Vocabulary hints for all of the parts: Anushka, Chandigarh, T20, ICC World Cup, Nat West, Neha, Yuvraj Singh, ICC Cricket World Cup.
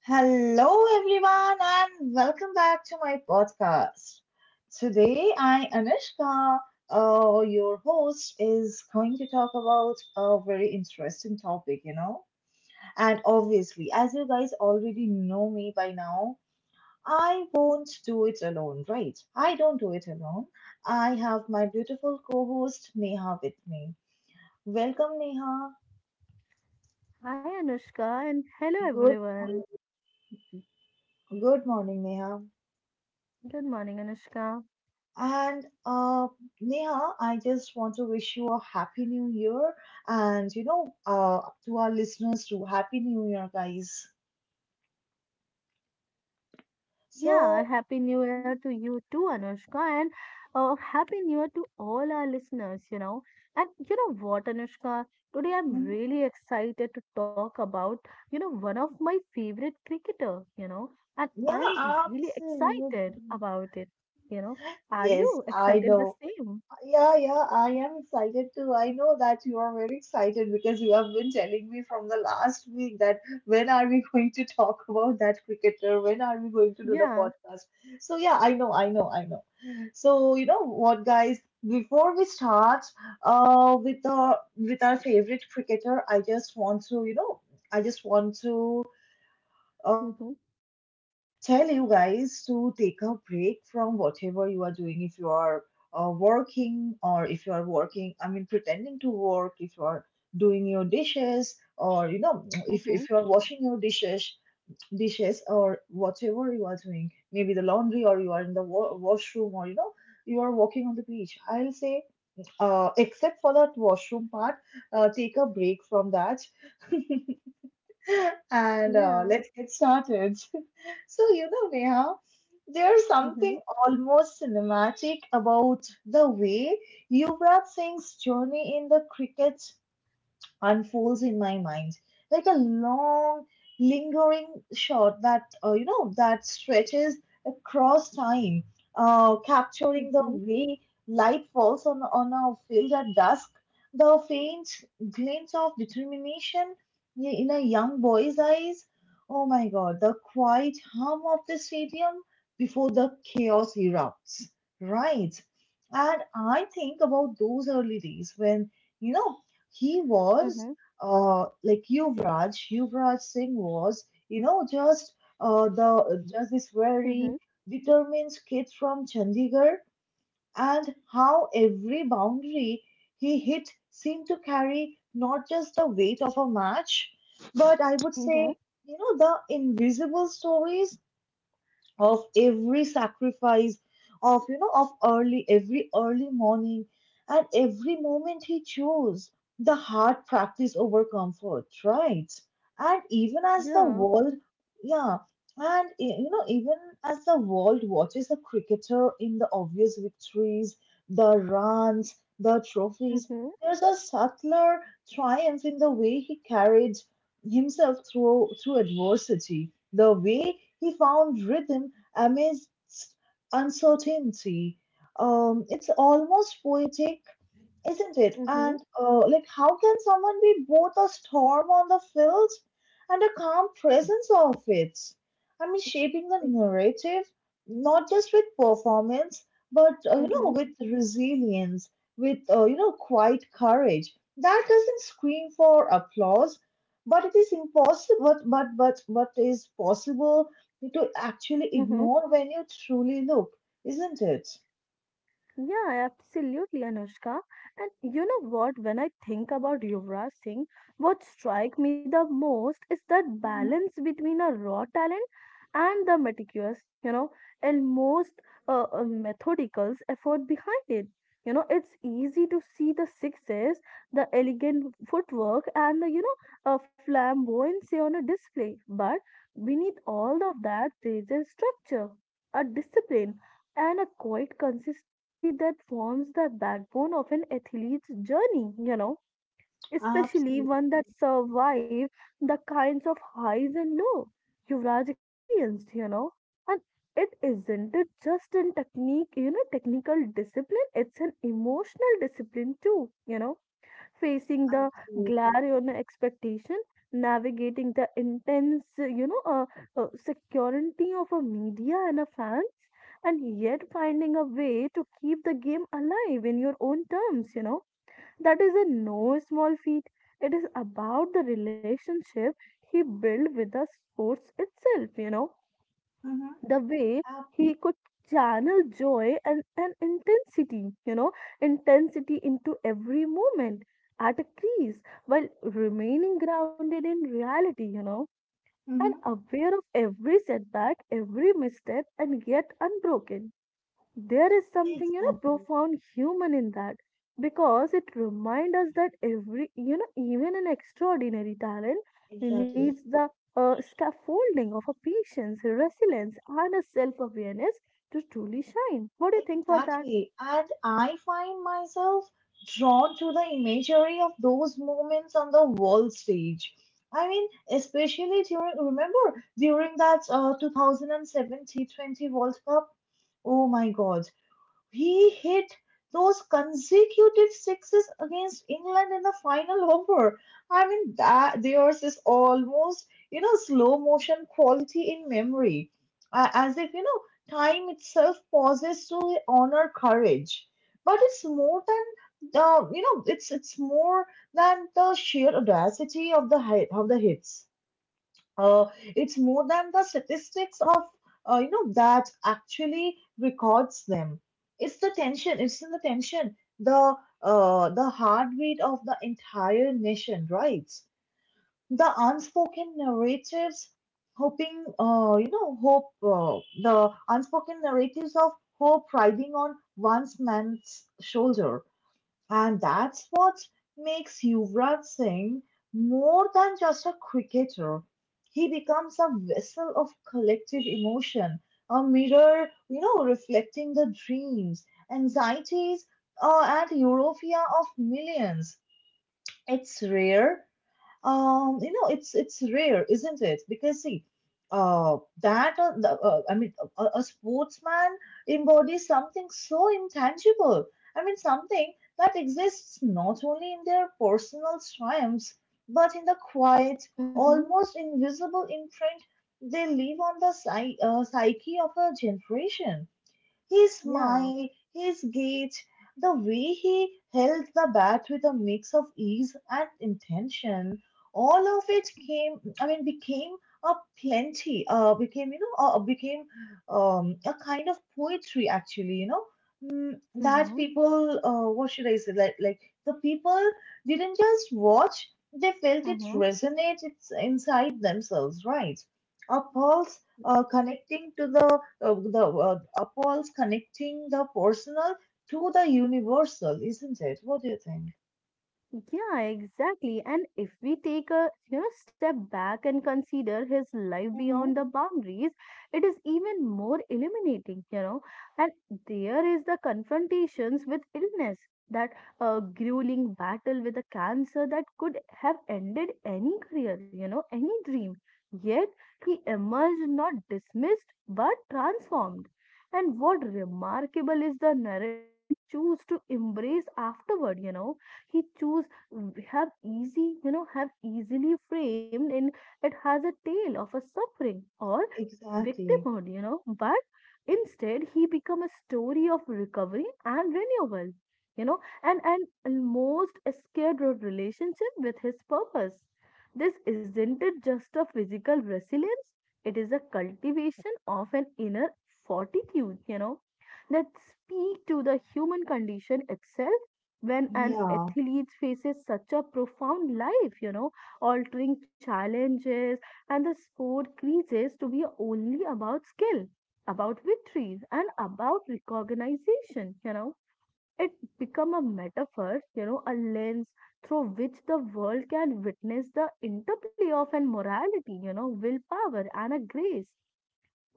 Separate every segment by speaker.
Speaker 1: Hello, everyone, and welcome back to my podcast. Today, I, Anushka, your host, is going to talk about a very interesting topic. And obviously, as you guys already know me by now, I won't do it alone, right? I don't do it alone. I have my beautiful co host, Neha, with me. Welcome, Neha.
Speaker 2: Hi Anushka and hello
Speaker 1: Good,
Speaker 2: everyone.
Speaker 1: good morning, Neha.
Speaker 2: Good morning Anushka.
Speaker 1: And Neha, I just want to wish you a happy new year, and to our listeners too, happy new year, guys. So,
Speaker 2: Yeah, happy new year to you too Anushka and happy new year to all our listeners. And you know what Anushka, today I'm
Speaker 1: Mhm.
Speaker 2: really excited to talk about one of my favorite cricketer, and
Speaker 1: Yeah,
Speaker 2: I'm really excited
Speaker 1: absolutely.
Speaker 2: about it, you know. Are
Speaker 1: Yes,
Speaker 2: you
Speaker 1: I
Speaker 2: excited the
Speaker 1: know.
Speaker 2: same?
Speaker 1: Yeah, yeah, I am excited too. I know that you are very excited because you have been telling me from the last week that when are we going to talk about that cricketer? When are we going to do the
Speaker 2: Yeah.
Speaker 1: podcast? So, yeah, I know, I know, I know. So, you know what, guys, before we start with the with our favorite cricketer, I just want toI just want to
Speaker 2: Mm-hmm,
Speaker 1: uh, tell you guys to take a break from whatever you are doing, if you are working, or if you are working, I mean pretending to work, if you are doing your dishes, or
Speaker 2: mm-hmm,
Speaker 1: if you are washing your dishes, or whatever you are doing, maybe the laundry, or you are in the washroom, or you are walking on the beach, I'll say, except for that washroom part, take a break from that. and
Speaker 2: yeah.
Speaker 1: uh, let's get started. So, Neha, there's
Speaker 2: Mm-hmm,
Speaker 1: something almost cinematic about the way Yuvraj Singh's journey in the cricket unfolds in my mind, like a long, lingering shot that, that stretches across time, capturing the
Speaker 2: mm-hmm,
Speaker 1: way light falls on, a field at dusk, the faint glint of determination in a young boy's eyes. Oh my God, the quiet hum of the stadium before the chaos erupts. Right. And I think about those early days when, you know, he was
Speaker 2: mm-hmm,
Speaker 1: like Yuvraj Singh was, just the just this
Speaker 2: mm-hmm,
Speaker 1: very determined kid from Chandigarh, and how every boundary he hit seemed to carry not just the weight of a match, but I would
Speaker 2: mm-hmm,
Speaker 1: say, the invisible stories of every sacrifice, of you know of early every early morning, and every moment he chose the hard practice over comfort, right? And even as the
Speaker 2: yeah.
Speaker 1: world, yeah, and even as the world watches a cricketer in the obvious victories, the runs, the trophies,
Speaker 2: hmm
Speaker 1: there's a subtler triumph in the way he carried himself through adversity, the way he found rhythm amidst uncertainty. It's almost poetic, isn't it?
Speaker 2: Hmm hmm
Speaker 1: And like, how can someone be both a storm on the field and a calm presence of it? I mean, shaping the narrative not just with performance, but
Speaker 2: hmm
Speaker 1: with resilience, with quiet courage that doesn't scream for applause, but it is impossible. But is possible to actually
Speaker 2: hmm
Speaker 1: ignore when you truly look, isn't it?
Speaker 2: Yeah, absolutely, Anushka. And you know what? When I think about Yuvraj Singh, what strikes me the most is that
Speaker 1: Mhm.
Speaker 2: balance between a raw talent and the meticulous, you know, and most methodical effort behind it. You know, it's easy to see the sixes, the elegant footwork, and the flamboyancy on a display. But beneath all of that, there's a structure, a discipline and a quiet consistency that forms the backbone of an athlete's journey, especially
Speaker 1: Absolutely,
Speaker 2: one that survives the kinds of highs and lows Yuvraj experienced. And it isn't it just in technique, technical discipline, it's an emotional discipline too, you know facing the
Speaker 1: absolutely.
Speaker 2: glare on expectation, navigating the intense, security of a media and a fans, and yet finding a way to keep the game alive in your own terms. That is a no small feat. It is about the relationship he built with the sports itself, you know
Speaker 1: Mm-hmm.
Speaker 2: the way
Speaker 1: Uh,
Speaker 2: he could channel joy and, intensity, you know, intensity into every moment at a crease while remaining grounded in reality, and
Speaker 1: Mm-hmm.
Speaker 2: aware of every setback, every misstep, and yet unbroken. There is something, you know,
Speaker 1: Exactly,
Speaker 2: profound human in that because it reminds us that every, you know, even an extraordinary talent needs
Speaker 1: exactly,
Speaker 2: the scaffolding of a patience, resilience, and a self awareness to truly shine. What do you think for that?
Speaker 1: exactly. And I find myself drawn to the imagery of those moments on the world stage. I mean, especially during, remember, during that 2017 20 World Cup? Oh my God. He hit those consecutive sixes against England in the final over. I mean, that theirs is almost, slow motion quality in memory, as if, time itself pauses to honor courage. But it's more than the, you know, it's more than the sheer audacity of the hits, uh, it's more than the statistics of that actually records them. It's the tension it's in the tension, the the heartbeat of the entire nation, right? The unspoken narratives, hoping you know hope the unspoken narratives of hope riding on one man's shoulder, and that's what makes Yuvraj Singh more than just a cricketer. He becomes a vessel of collective emotion, a mirror, reflecting the dreams, anxieties, and euphoria of millions. It's rare, you know, it's rare, isn't it? Because see, I mean, a sportsman embodies something so intangible. I mean, something that exists not only in their personal triumphs, but in the quiet,
Speaker 2: Hmm.
Speaker 1: almost invisible imprint they leave on the psyche of a generation. His
Speaker 2: Yeah.
Speaker 1: smile, his gait, the way he held the bat with a mix of ease and intention, all of it came, I mean, became a plenty, became a kind of poetry actually, that
Speaker 2: Hmm.
Speaker 1: what should I say, like the people didn't just watch, they felt it
Speaker 2: Hmm.
Speaker 1: resonate it's inside themselves, right? A pulse connecting to the upholds connecting the personal to the universal, isn't it? What do you think?
Speaker 2: Yeah, exactly. And if we take a you know step back and consider his life
Speaker 1: Mm-hmm.
Speaker 2: beyond the boundaries, it is even more illuminating, you know. And there is the confrontations with illness, that grueling battle with a cancer that could have ended any career, you know, any dream. Yet he emerged not dismissed but transformed. And what remarkable is the narrative he chose to embrace afterward, you know he choose have easy you know have easily framed and it has a tale of a suffering or
Speaker 1: Exactly.
Speaker 2: victimhood you know but instead he become a story of recovery and renewal you know and most scared relationship with his purpose this isn't it just a physical resilience it is a cultivation of an inner fortitude you know that speak to the human condition itself when an
Speaker 1: Yeah,
Speaker 2: athlete faces such a profound life, you know, altering challenges, and the sport creases to be only about skill, about victories, and about recognition, you know. It become a metaphor, you know, a lens through which the world can witness the interplay of an morality, you know, willpower and a grace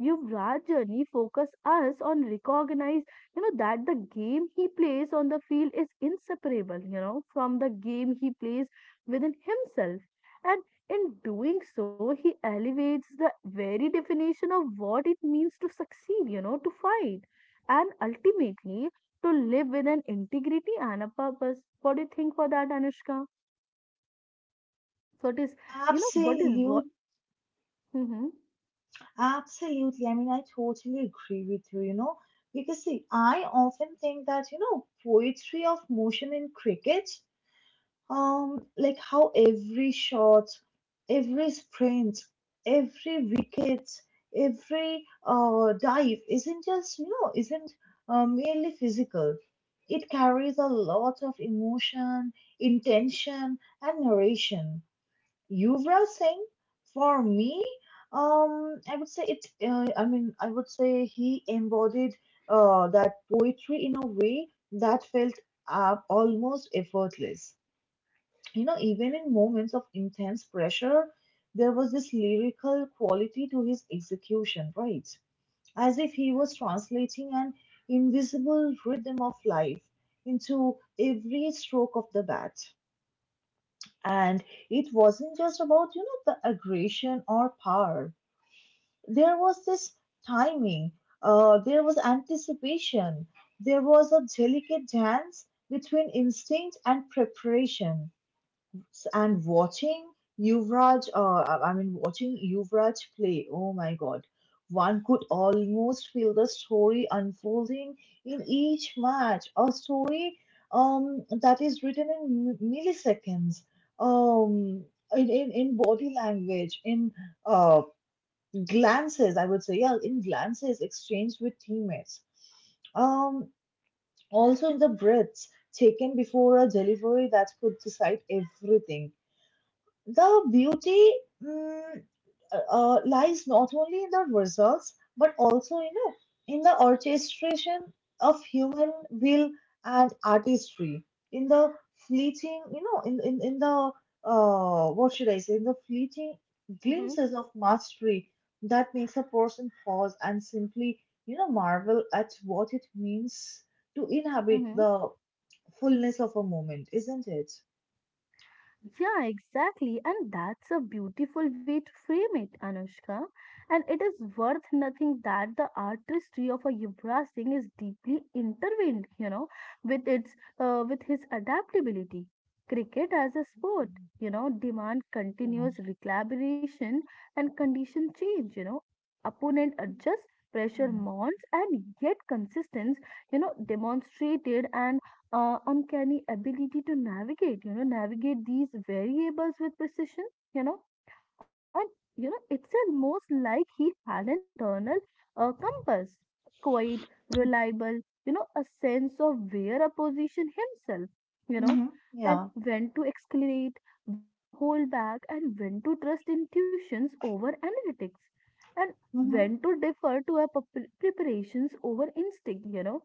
Speaker 2: Yuvraj journey focus us on recognize, you know, that the game he plays on the field is inseparable, you know, from the game he plays within himself. And in doing so, he elevates the very definition of what it means to succeed, you know, to fight, and ultimately to live with an integrity and a purpose. What do you think for that, Anushka? What is, you know, what is what?
Speaker 1: absolute,
Speaker 2: Mm-hmm,
Speaker 1: absolutely. I mean, I totally agree with you, you know, because see, I often think that, poetry of motion in cricket, like how every shot, every sprint, every wicket, every dive isn't just, you know isn't merely physical. It carries a lot of emotion, intention and narration. Yuvraj Singh, for me, I would say it I mean I would say he embodied that poetry in a way that felt almost effortless. You know, even in moments of intense pressure, there was this lyrical quality to his execution, right? As if he was translating an invisible rhythm of life into every stroke of the bat. And it wasn't just about, you know, the aggression or power. There was this timing, there was anticipation, there was a delicate dance between instinct and preparation. And watching Yuvraj, watching Yuvraj play, oh my God, one could almost feel the story unfolding in each match, a story that is written in milliseconds, um, in, body language, in uh, glances, I would say, yeah, in glances exchanged with teammates. Um, Also in the breaths taken before a delivery that could decide everything. The beauty, mm, lies not only in the results, but also, in the orchestration of human will and artistry, in the fleeting, what should I say, in the fleeting
Speaker 2: mm-hmm,
Speaker 1: glimpses of mastery that makes a person pause and simply, marvel at what it means to inhabit
Speaker 2: mm-hmm.
Speaker 1: the fullness of a moment, isn't it?
Speaker 2: Yeah, exactly. And that's a beautiful way to frame it, Anushka. And it is worth nothing that the artistry of a Yuvraj Singh is deeply intertwined, you know, with its with his adaptability. Cricket as a sport,
Speaker 1: Mm,
Speaker 2: you know, demand continuous recalibration and condition change, you know. Opponent adjusts, pressure
Speaker 1: yeah,
Speaker 2: mounts, and yet consistence, you know, demonstrated and uncanny ability to navigate, you know, navigate these variables with precision, you know, and you know, it's almost like he had an internal compass, quite reliable, you know, a sense of where a position himself, you
Speaker 1: yeah.
Speaker 2: know,
Speaker 1: Hmm.
Speaker 2: and
Speaker 1: Yeah.
Speaker 2: when to escalate, when to hold back, and when to trust intuitions over analytics, and
Speaker 1: Mhm.
Speaker 2: when to defer to a preparations over instinct, you know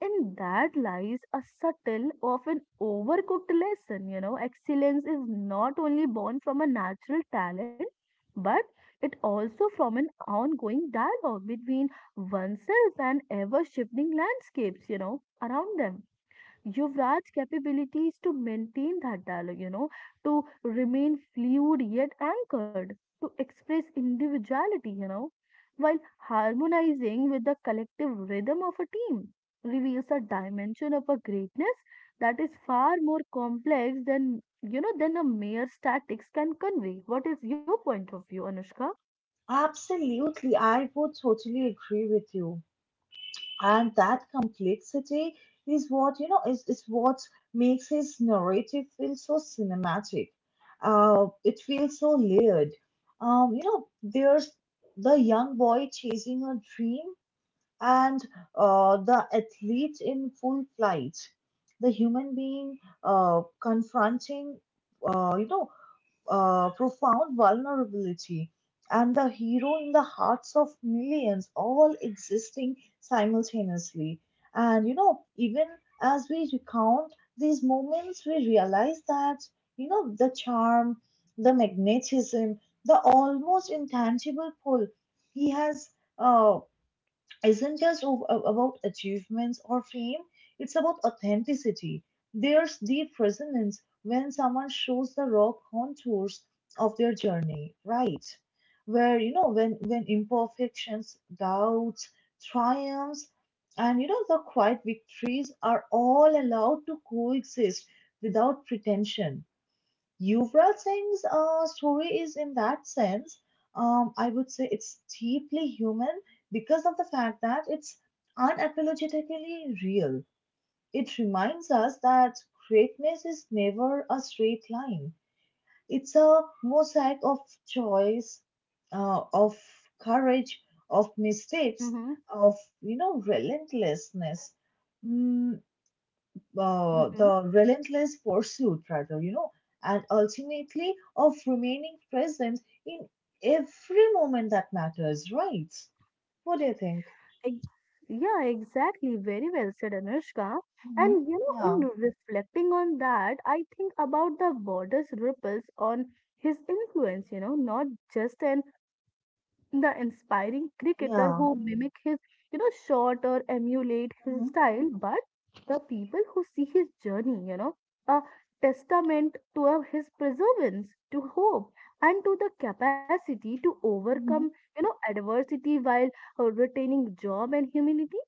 Speaker 2: in that lies a subtle, often overcooked lesson. You know, excellence is not only born from a natural talent, but it also from an ongoing dialogue between oneself and ever shifting landscapes, you know, around them. Yuvraj's capability is to maintain that dialogue, you know, to remain fluid yet anchored, to express individuality, you know, while harmonizing with the collective rhythm of a team, reveals a dimension of a greatness that is far more complex than, you know, than a mere statics can convey. What is your point of view, Anushka?
Speaker 1: Absolutely, I would totally agree with you. And that complexity is what, you know is what makes his narrative feel so cinematic. It feels so layered. You know, there's the young boy chasing a dream, and the athlete in full flight, the human being confronting, uh, you know, profound vulnerability, and the hero in the hearts of millions, all existing simultaneously. And you know, even as we recount these moments, we realize that, the charm, the magnetism, the almost intangible pull he has uh, isn't just about achievements or fame, it's about authenticity. There's deep resonance when someone shows the raw contours of their journey, right? Where, you know, when, imperfections, doubts, triumphs, and, you know, the quiet victories are all allowed to coexist without pretension. Yuvraj Singh's story is, in that sense, I would say, it's deeply human because of the fact that it's unapologetically real. It reminds us that greatness is never a straight line, it's a mosaic of choice, of courage, of mistakes,
Speaker 2: Mm-hmm.
Speaker 1: of, relentlessness. Mm, the relentless pursuit, rather, you know, and ultimately of remaining present in every moment that matters, right? What do you think?
Speaker 2: Ex- Yeah, exactly. Very well said, Anushka.
Speaker 1: Mm-hmm.
Speaker 2: And you
Speaker 1: Yeah.
Speaker 2: know, in reflecting on that, I think about the border's ripples on his influence, you know, not just an the inspiring cricketer
Speaker 1: Yeah,
Speaker 2: who mimic his, you know, shot or emulate his
Speaker 1: mm-hmm.
Speaker 2: style, but the people who see his journey, you know, a testament to of his perseverance, to hope, and to the capacity to overcome,
Speaker 1: Mm-hmm.
Speaker 2: you know, adversity while retaining job and humility.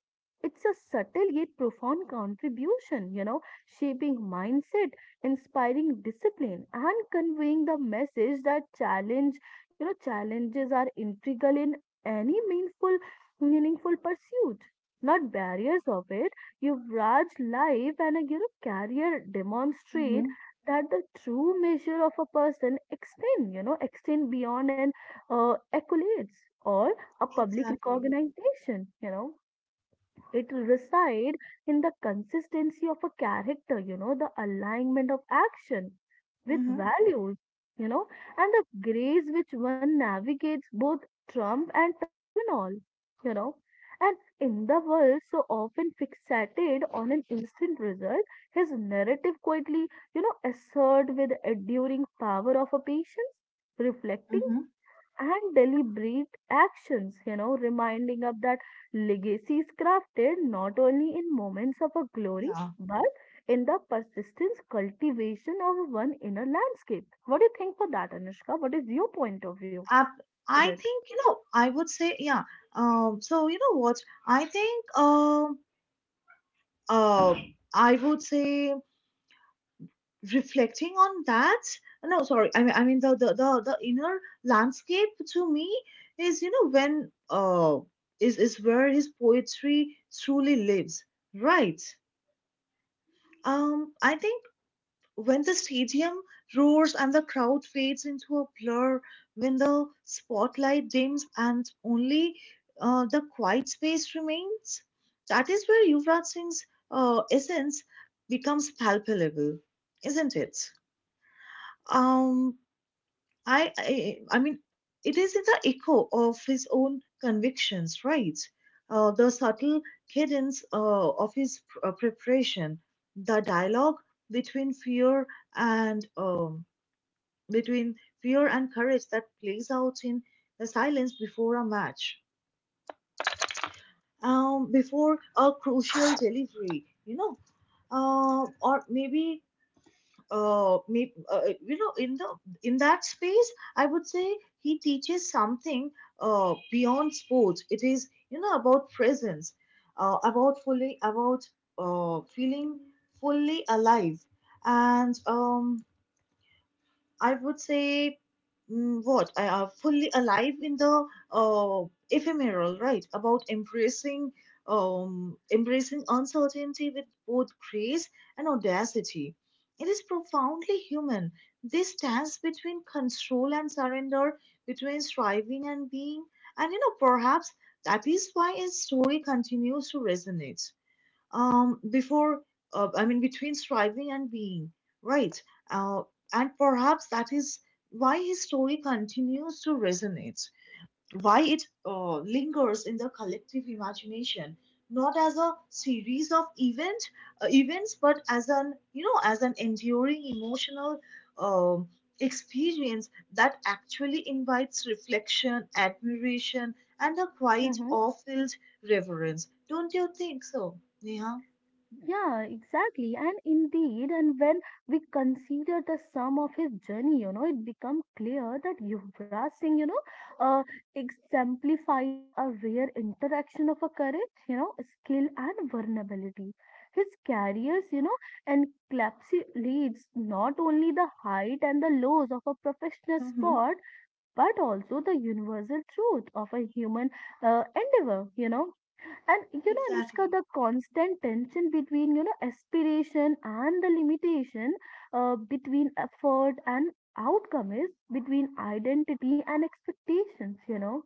Speaker 2: It's a subtle yet profound contribution, you know, shaping mindset, inspiring discipline, and conveying the message that challenge you know, challenges are integral in any meaningful pursuit, not barriers of it. Yuvraj life and a you know, career demonstrate
Speaker 1: Mm-hmm.
Speaker 2: that the true measure of a person extend, you know, extend beyond an accolades or a public
Speaker 1: Exactly.
Speaker 2: recognition, you know. It resides in the consistency of a character, you know, the alignment of action with
Speaker 1: Mm-hmm.
Speaker 2: values, you know, and the grace which one navigates both Trump and terminal, you know. And in the world so often fixated on an instant result, his narrative quietly, you know, assert with enduring power of a patience, reflecting
Speaker 1: Mm-hmm.
Speaker 2: and deliberate actions, you know, reminding of that Legacies crafted not only in moments of a glory,
Speaker 1: Yeah,
Speaker 2: but in the persistent cultivation of one inner landscape. What do you think for that, Anushka? What is your point of view
Speaker 1: I,
Speaker 2: with
Speaker 1: I
Speaker 2: it?
Speaker 1: think. I would say, yeah. So you know what? I think. Uh, I would say, reflecting on that. No, sorry, I mean, the the inner landscape to me is you know when is where his poetry truly lives, right? I think when the stadium roars and the crowd fades into a blur, when the spotlight dims and only the quiet space remains, that is where Yuvraj Singh's essence becomes palpable, isn't it? um I mean, it is the echo of his own convictions, right? The subtle cadence of his preparation, the dialogue between fear and, between fear and courage that plays out in the silence before a match, before a crucial delivery, or maybe me, you know in the in that space I would say he teaches something beyond sports. It is about presence, about fully about feeling fully alive. And I would say what I are fully alive in the ephemeral, right? About embracing embracing uncertainty with both grace and audacity. It is profoundly human. This stands between control and surrender, between striving and being, and perhaps that is why his story continues to resonate. um, before, I mean, between striving and being, right? Uh, and perhaps that is why his story continues to resonate, why it lingers in the collective imagination, not as a series of events, but as as an enduring emotional um, experience that actually invites reflection, admiration, and a quiet, awe-filled reverence. Don't you think so, Neha?
Speaker 2: Yeah, exactly. And indeed, and when we consider the sum of his journey, you know, it becomes clear that Yuvraj Singh, you know, uh, exemplifies a rare interaction of a courage, you know, skill and vulnerability. His careers, you know, encapsulates not only the height and the lows of a professional
Speaker 1: Mm-hmm.
Speaker 2: sport, but also the universal truth of a human endeavor, you know and you know, Anushka,
Speaker 1: Exactly.
Speaker 2: the constant tension between you know aspiration and the limitation, between effort and outcome is between identity and expectations. You know,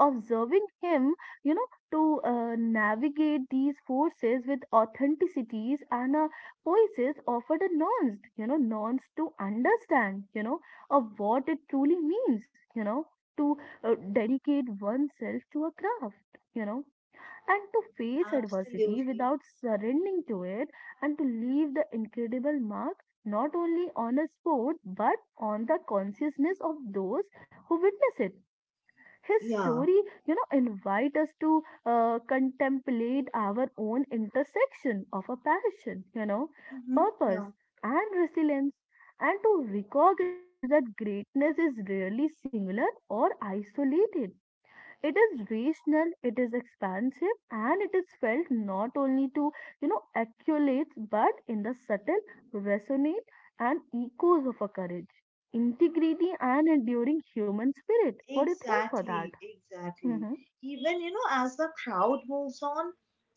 Speaker 2: observing him, you know, to navigate these forces with authenticities and poises offered a nuance, you know, nuance to understand, you know, of what it truly means, you know, to dedicate oneself to a craft, you know and to face adversity
Speaker 1: Absolutely.
Speaker 2: without surrendering to it and to leave the incredible mark not only on a sport but on the consciousness of those who witness it his
Speaker 1: Yeah.
Speaker 2: story you know invite us to contemplate our own intersection of a passion you know
Speaker 1: Mm-hmm.
Speaker 2: purpose
Speaker 1: Yeah.
Speaker 2: and resilience and to recognize that greatness is rarely singular or isolated it is regional it is expansive and it is felt not only to you know accolades but in the subtle resonate and echoes of a courage integrity and enduring human spirit what do you think for that.
Speaker 1: Exactly. Exactly.
Speaker 2: Hmm.
Speaker 1: Even, you know, as the crowd moves on,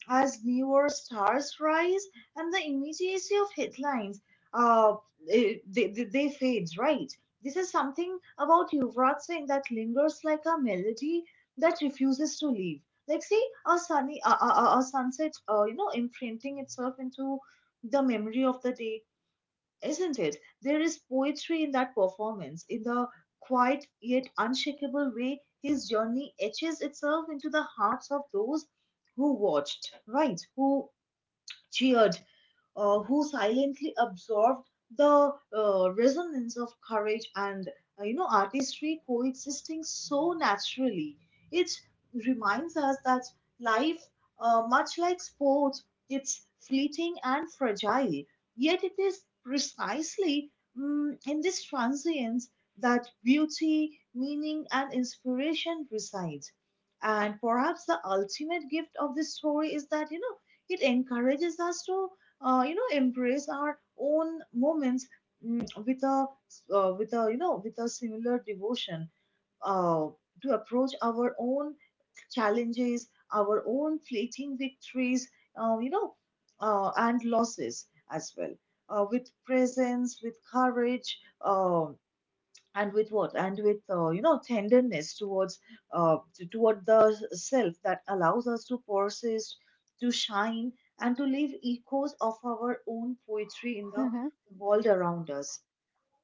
Speaker 1: as newer stars rise, and the immediacy of headlines, uh, they fade, right? This is something about Yuvraj Singh that lingers like a melody that refuses to leave. Like, see, a sunny, a sunset, you know, imprinting itself into the memory of the day. Isn't it? There is poetry in that performance, in the quiet yet unshakable way his journey etches itself into the hearts of those who watched, right? Who cheered, who silently absorbed the resonance of courage and you know artistry coexisting so naturally. It reminds us that life, much like sports, it's fleeting and fragile. Yet it is precisely in this transience that beauty, meaning, and inspiration reside. And perhaps the ultimate gift of this story is that you know it encourages us to you know embrace our own moments mm, with a with a you know with a similar devotion, uh, to approach our own challenges, our own fleeting victories, uh, you know and losses as well, with presence, with courage, um and with what and with you know tenderness towards toward the self that allows us to persist, to shine, and to leave echoes of our own poetry in the
Speaker 2: Hmm.
Speaker 1: world around us.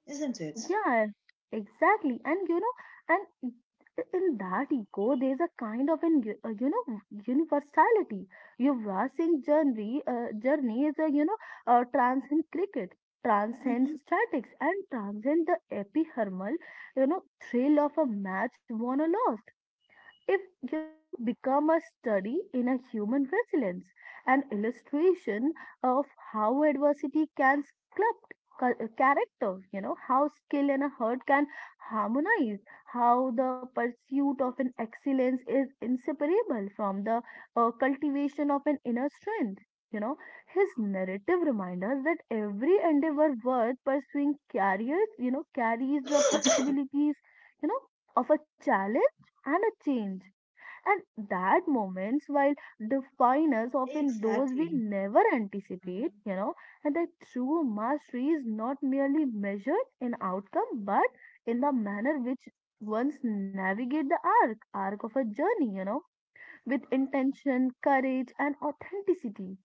Speaker 1: Isn't it?
Speaker 2: Yeah, exactly. And you know, and I- in that echo, there's a kind of an u- you know universality. Yuvraj Singh journey journey is a you know transcend cricket,
Speaker 1: Hmm.
Speaker 2: transcends statics, and transcend the epithermal you know thrill of a match won or lost. If you know, it become a study in a human resilience, an illustration of how adversity can sculpt character. You know, how skill and a hurt can harmonize, how the pursuit of an excellence is inseparable from the cultivation of an inner strength. You know, his narrative reminds us that every endeavor worth pursuing carries, you know, carries the possibilities, you know, of a challenge and a change. And that moments, while define us, often those we
Speaker 1: Exactly.
Speaker 2: never anticipate,
Speaker 1: Hmm.
Speaker 2: you know, and that true mastery is not merely measured in outcome, but in the manner which ones navigate the arc of a journey, you know, with intention, courage, and authenticity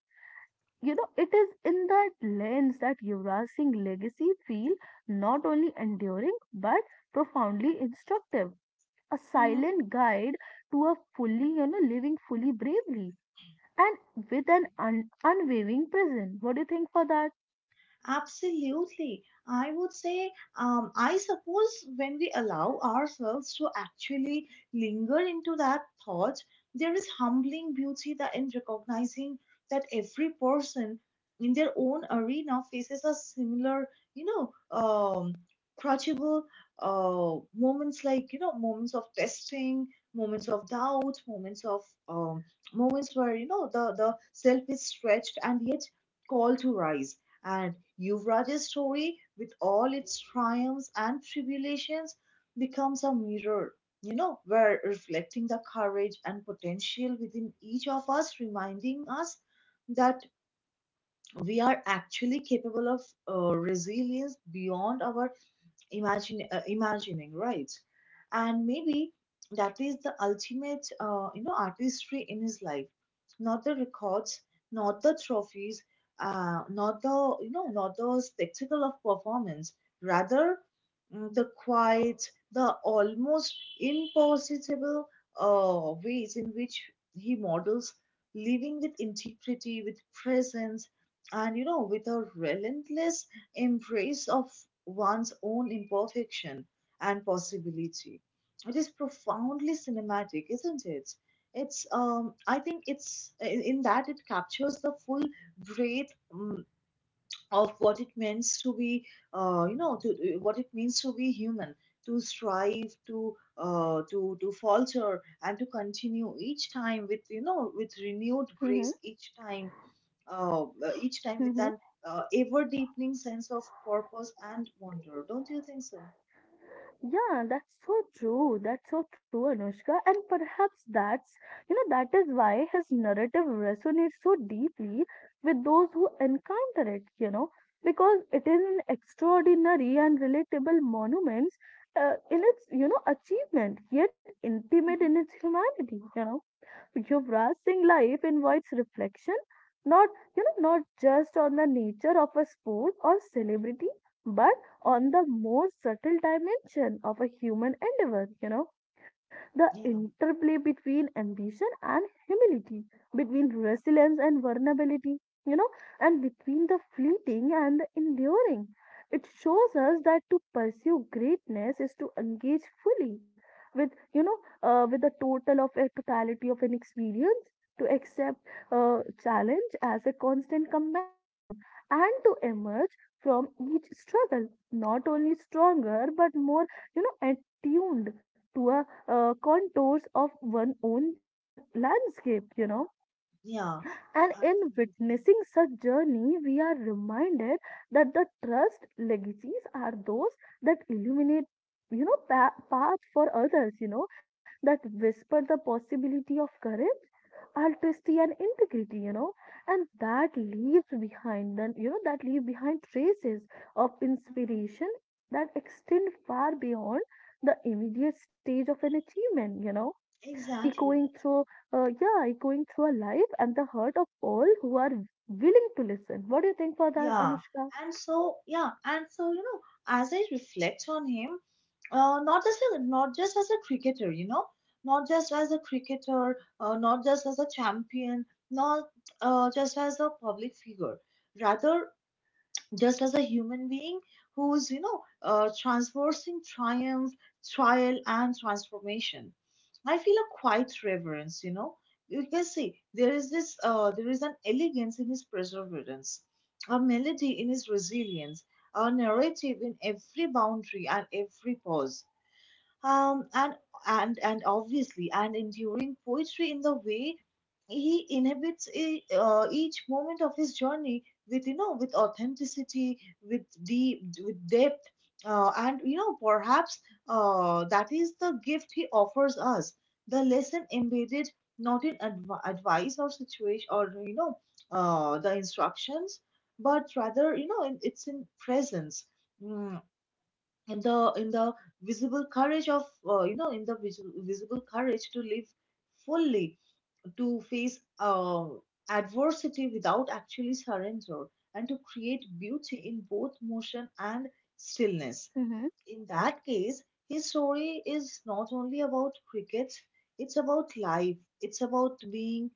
Speaker 2: you know, it is in that lens that Yuvraj Singh legacy feel not only enduring but profoundly instructive. A silent guide to a fully, you know, living fully bravely and with an unwavering presence. What do you think for that?
Speaker 1: Absolutely. I would say, I suppose when we allow ourselves to actually linger into that thought, there is humbling beauty that in recognizing that every person in their own arena faces a similar, you know, um, crushable moments, like, you know, moments of testing, moments of doubt, moments of um, moments where, you know, the self is stretched and yet called to rise. And Yuvraj's story, with all its triumphs and tribulations, becomes a mirror, you know, where reflecting the courage and potential within each of us, reminding us that we are actually capable of resilience beyond our imagine imagining, right? And maybe that is the ultimate you know artistry in his life, not the records, not the trophies, not the you know not the spectacle of performance, rather the quiet, the almost impossible ways in which he models living with integrity, with presence, and you know with a relentless embrace of one's own imperfection and possibility. It is profoundly cinematic, isn't it? It's I think it's in that it captures the full breadth, of what it means to be you know to what it means to be human, to strive, to to falter, and to continue each time with you know with renewed
Speaker 2: Mm-hmm.
Speaker 1: grace, each time, uh, each time with an ever deepening sense of purpose and wonder. Don't you think so?
Speaker 2: Yeah, that's so true. That's so true, Anushka. And perhaps that's, that is why his narrative resonates so deeply with those who encounter it, because it is an extraordinary and relatable monument in its achievement, yet intimate in its humanity. Yuvraj Singh life invites reflection, not you know, not just on the nature of a sport or celebrity, but
Speaker 1: Mm-hmm.
Speaker 2: on the more subtle dimension of a human endeavor. You know, the
Speaker 1: Yeah.
Speaker 2: interplay between ambition and humility, between resilience and vulnerability, you know, and between the fleeting and the enduring. It shows us that to pursue greatness is to engage fully with, you know, with the total of a totality of an experience, to accept uh, challenge as a constant companion, and to emerge from each struggle not only stronger but more, attuned to a contours of one own inner landscape.
Speaker 1: Yeah.
Speaker 2: And in
Speaker 1: Absolutely.
Speaker 2: witnessing such journey, we are reminded that the trust legacies are those that illuminate path for others, that whisper the possibility of courage, altruism, and integrity, and that leaves behind, that leave behind traces of
Speaker 1: Hmm.
Speaker 2: inspiration that extend far beyond the immediate stage of an achievement, you know
Speaker 1: Exactly.
Speaker 2: echoing through, uh, yeah, echoing through our life and the heart of all who are willing to listen. What do you think for that,
Speaker 1: Yeah,
Speaker 2: Anushka?
Speaker 1: yeah, and so you know, as I reflect on him, not just as a cricketer, you know, not just as a cricketer, not just as a champion, not just as a public figure. Rather, just as a human being who's you know transversing triumph, trial, and transformation. I feel a quiet reverence, you know. You can see there is this there is an elegance in his perseverance, a melody in his resilience, a narrative in every boundary and every pause, and and obviously and enduring poetry in the way he inhabits each moment of his journey with you know with authenticity, with deep with depth, and you know perhaps that is the gift he offers us, the lesson embedded not in advice or situation or you know the instructions, but rather you know in, it's in presence. Hmm. In the visible courage of visible courage to live fully, to face adversity without actually surrender, and to create beauty in both motion and stillness.
Speaker 2: Mm-hmm.
Speaker 1: In that case, his story is not only about crickets, it's about life, it's about being,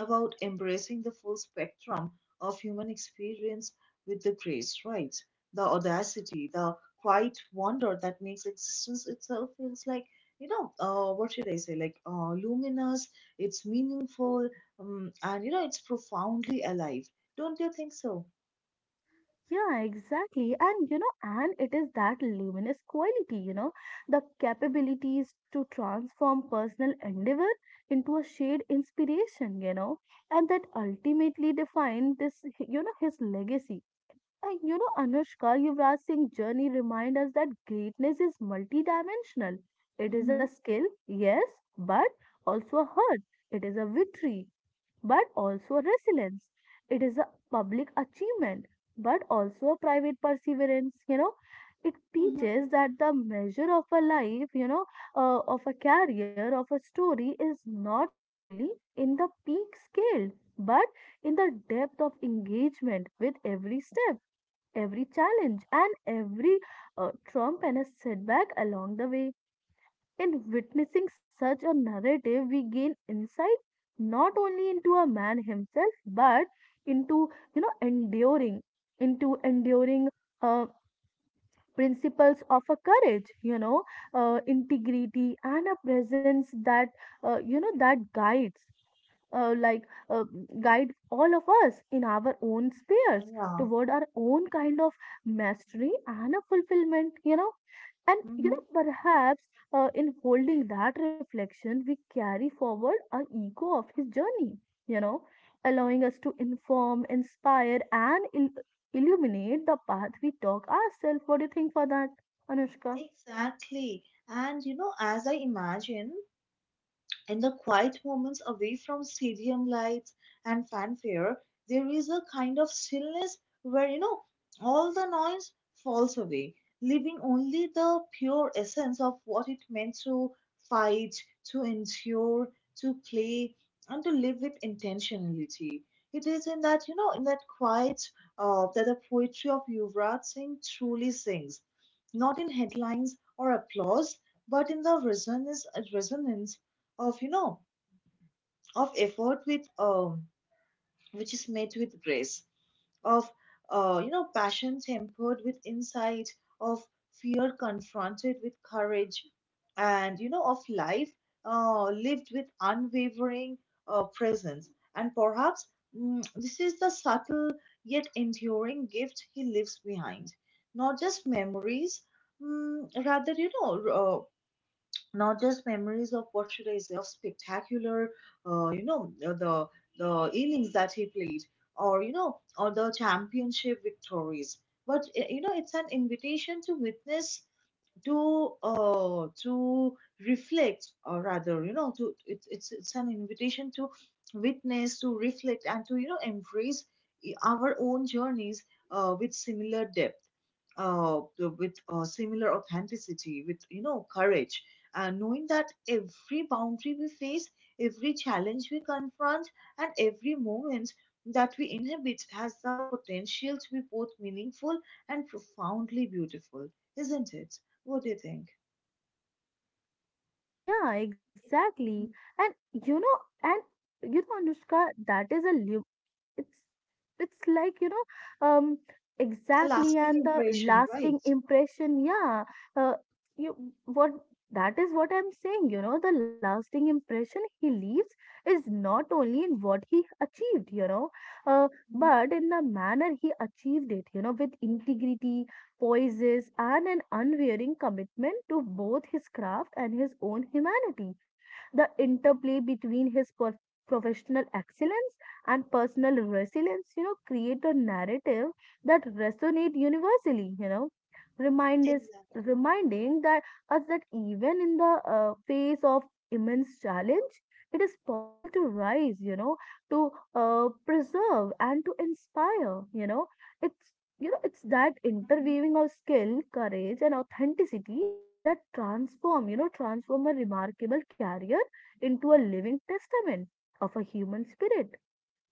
Speaker 1: about embracing the full spectrum of human experience with the grace, right? The audacity, the quiet wonder that makes existence itself feels like, you know, what should I say, like luminous, it's meaningful, and, you know, it's profoundly alive. Don't you think so?
Speaker 2: Yeah, exactly. And and it is that luminous quality, the capabilities to transform personal endeavor into a shared inspiration, and that ultimately define this, his legacy. You know, Anushka, Yuvraj Singh journey reminds us that greatness is multidimensional. It is a
Speaker 1: Mm-hmm.
Speaker 2: skill, yes, but also a hurt. It is a victory, but also a resilience. It is a public achievement, but also a private perseverance. You know, it
Speaker 1: Mm-hmm.
Speaker 2: teaches that the measure of a life, of a career, of a story is not solely in the peak scale, but in the depth of engagement with every step every challenge and every trump and a setback along the way. In witnessing such a narrative, we gain insight not only into a man himself, but into you know enduring, into enduring uh, principles of a courage, integrity and a presence that uh, you know that guides uh, like uh, guide all of us in our own spheres
Speaker 1: Yeah.
Speaker 2: toward our own kind of mastery and a fulfillment. You know and you
Speaker 1: Mm-hmm.
Speaker 2: know perhaps In holding that reflection we carry forward our ego of his journey, you know allowing us to inform inspire and illuminate the path we talk ourselves. What do you think for that, Anushka?
Speaker 1: Exactly. And you know, as I imagine, in the quiet moments away from stadium lights and fanfare, there is a kind of stillness where, you know, all the noise falls away, leaving only the pure essence of what it meant to fight, to endure, to play, and to live with intentionality. It is in that, you know, in that quiet, that the poetry of Yuvraj Singh truly sings, not in headlines or applause, but in the resonance, resonance of you know of effort with which is met with grace, of you know passion tempered with insight, of fear confronted with courage, and you know of life lived with unwavering presence. And perhaps this is the subtle yet enduring gift he leaves behind, not just memories, rather you know not just memories of what should I say of spectacular, the innings that he played, or you know, or the championship victories. But you know, it's an invitation to witness, to reflect, or rather, you know, to it's an invitation to witness, to reflect, and to you know, embrace our own journeys with similar depth, with similar authenticity, with you know courage, and knowing that every boundary we face, every challenge we confront, and every moment that we inhabit has the potential to be both meaningful and profoundly beautiful, isn't it? What do you think?
Speaker 2: Yeah, exactly. And you know and you know Anushka, that is a it's it's like you know
Speaker 1: A
Speaker 2: exactly
Speaker 1: lasting
Speaker 2: and the
Speaker 1: impression, right?
Speaker 2: lasting impression, yeah. uh, you what That is what I'm saying, you know, the lasting impression he leaves is not only in what he achieved, uh,
Speaker 1: Mhm.
Speaker 2: but in the manner he achieved it, you know, with integrity poises and an unwavering commitment to both his craft and his own humanity. The interplay between his professional excellence and personal resilience, you know, create a narrative that resonate universally, you know, remind us,
Speaker 1: Exactly.
Speaker 2: reminding that us that even in the face of immense challenge, it is possible to rise, you know, to preserve and to inspire, you know. It's it's that
Speaker 1: Mhm.
Speaker 2: interweaving of skill, courage, and authenticity that transform a remarkable career into a living testament of a human spirit,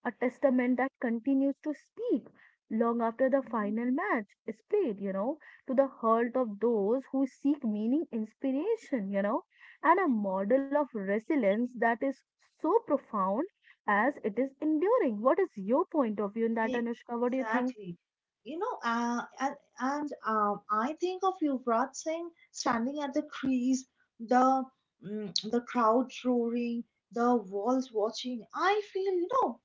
Speaker 2: a testament that continues to speak long after the
Speaker 1: Mhm.
Speaker 2: final match is played, you know, to the heart of those who seek meaning, inspiration, you know, and a model of resilience that is so profound as it is enduring. What is your point of view in that,
Speaker 1: Yeah,
Speaker 2: Anushka? What do you think?
Speaker 1: exactly. You know, and I think of Yuvraj Singh standing at the crease, the the crowd roaring, the walls watching. I feel, you know,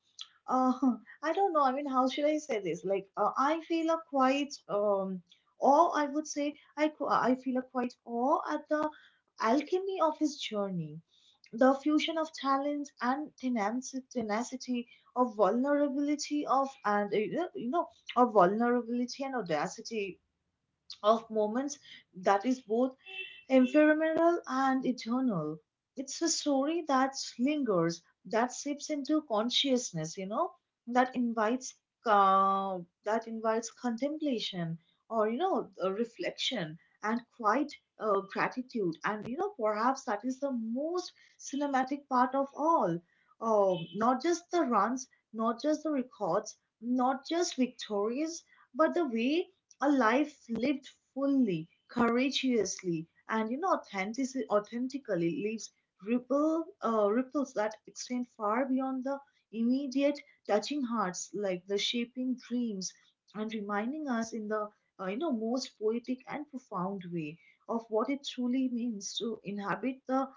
Speaker 1: uh, I don't know. I mean, how should I say this? Like, I feel a quite awe. I would say I I feel a quite awe at the alchemy of his journey, the fusion of talent and tenacity, of vulnerability of and you know of vulnerability and audacity, of moments that is both ephemeral and eternal. It's a story that lingers, that seeps into consciousness, you know, that invites uh, contemplation, or reflection, and quiet gratitude. And you know, perhaps that is the most cinematic part of all. Not just the runs, not just the records, not just victories, but the way a life lived fully, courageously, and you know authentically leaves ripples that extend far beyond the immediate, touching hearts like the shaping dreams, and reminding us in the you know most poetic and profound way of what it truly means to inhabit the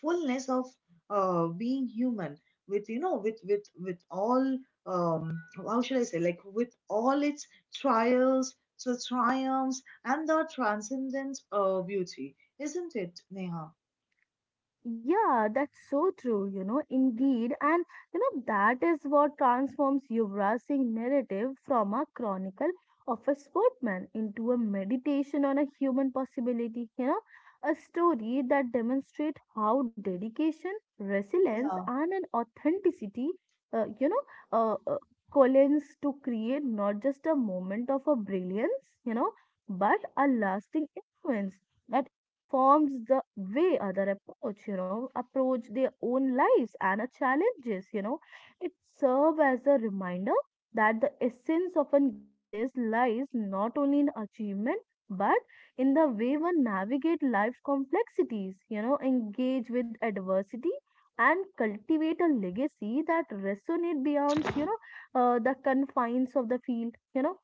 Speaker 1: fullness of being human, with you know with all um how should I say, like with all its trials to triumphs and the transcendent beauty, isn't it, Neha?
Speaker 2: Yeah, that's so true, you know, indeed. And, you know, that is what transforms Yuvraj Singh narrative from a chronicle of a sportsman into a meditation on a human possibility, you know, a story that demonstrates how dedication, resilience,
Speaker 1: Yeah.
Speaker 2: and an authenticity, uh, you know, uh, uh, collides to create not just a moment of a brilliance, you know, but a lasting influence that informs the way other approach their own lives and our challenges, you know. It serves as a reminder that the essence of an greatness lies not only in achievement but in the way one navigate life's complexities, you know, engage with adversity and cultivate a legacy that resonate beyond, the confines of the field,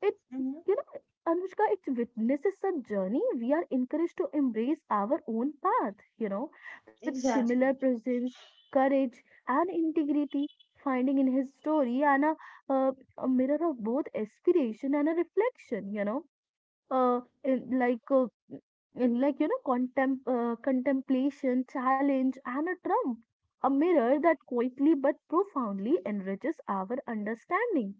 Speaker 2: it,
Speaker 1: Hmm.
Speaker 2: you know, Anushka, it witnesses a journey. We are encouraged to embrace our own path, you know, with similar
Speaker 1: Exactly.
Speaker 2: presence, courage, and integrity. Finding in his story and uh, a mirror of both aspiration and a reflection, you know uh, in, like uh, in like you know contem- contemplation challenge and a trump, a mirror that quietly but profoundly enriches our understanding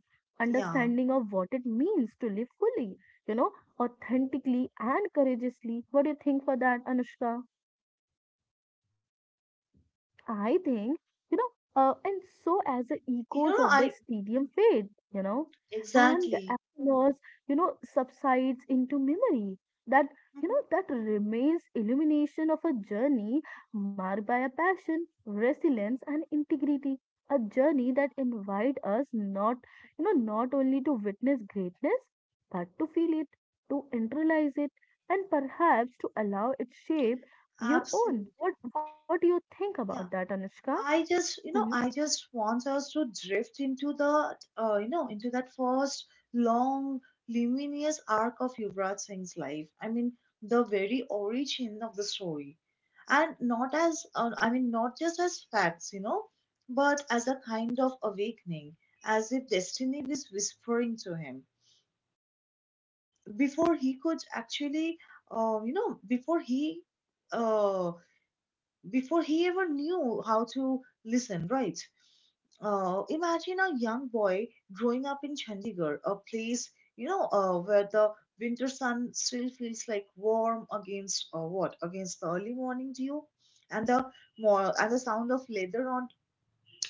Speaker 1: Yeah.
Speaker 2: understanding of what it means to live fully, you know, authentically and courageously. What do you think for that, Anushka? I think, you know, and so as the
Speaker 1: You
Speaker 2: echoes
Speaker 1: know,
Speaker 2: of the
Speaker 1: I
Speaker 2: stadium fade, you know, and the
Speaker 1: exactly.
Speaker 2: applause, you know, subsides into memory. That, you
Speaker 1: Hmm.
Speaker 2: know, that remains illumination of a journey marked by a passion, resilience, and integrity. A journey that invite us not, not only to witness greatness, but to feel it, to internalize it, and perhaps to allow it shape your own.
Speaker 1: Absolutely.
Speaker 2: What do you think about that,
Speaker 1: Yeah.
Speaker 2: Anushka?
Speaker 1: I just,
Speaker 2: Mm-hmm.
Speaker 1: you know, I just want us to drift into the, you know, into that first long, luminous arc of Yuvraj Singh's life. I mean, the very origin of the story, and not as, I mean, not just as facts, you know, but as a kind of awakening, as if destiny was whispering to him before he could actually, uh, you know, before he, uh, before he ever knew how to listen, right? Imagine a young boy growing up in Chandigarh, a place, where the winter sun still feels like warm against what? Against the early morning dew and the sound of leather on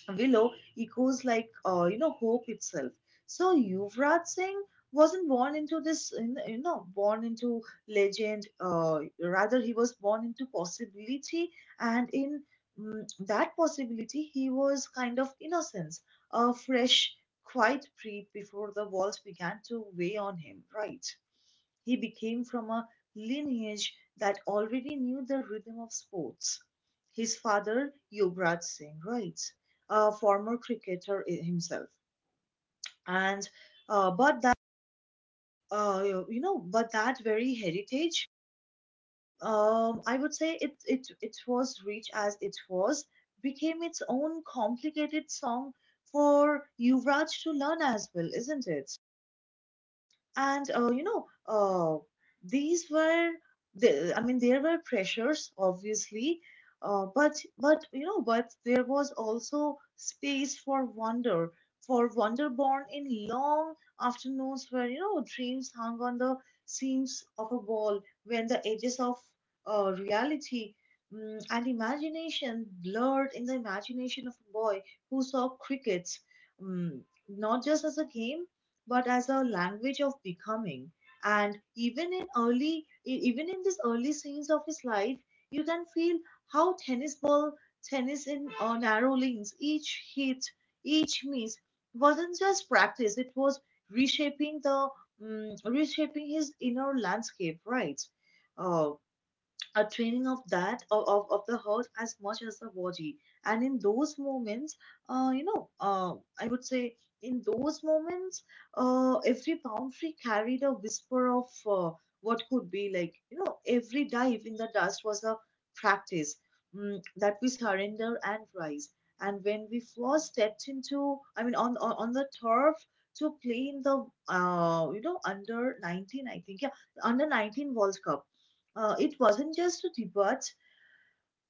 Speaker 1: Willow echoes like, you know, hope itself. So Yuvraj Singh wasn't born into this, you know, born into legend. Rather, he was born into possibility, and in that possibility, he was kind of innocence, a fresh, quiet breath before the walls began to weigh on him. Right? He became from a lineage that already knew the rhythm of sports. His father, Yuvraj Singh, writes, a former cricketer himself, and uh, but that uh, but that very heritage, I would say it was rich as it was, became its own complicated song for Yuvraj to learn as well, isn't it? And these were I mean, there were pressures obviously, but you know but there was also space for wonder born in long afternoons where, dreams hung on the seams of a wall, when the edges of reality, and imagination blurred in the imagination of a boy who saw crickets, mm, not just as a game but as a language of becoming. And even in these early scenes of his life, you can feel how tennis in narrow lanes, each hit, each miss wasn't just practice; it was reshaping the, reshaping his inner landscape, right? Uh, a training of of the heart as much as the body. And in those moments, you know I would say in those moments every boundary carried a whisper of uh, what could be. Like, every dive in the dust was a practice, that we surrender and rise. And when we first stepped into I mean, on the turf to play in the under 19, I think, yeah, under 19 World Cup, it wasn't just a debate,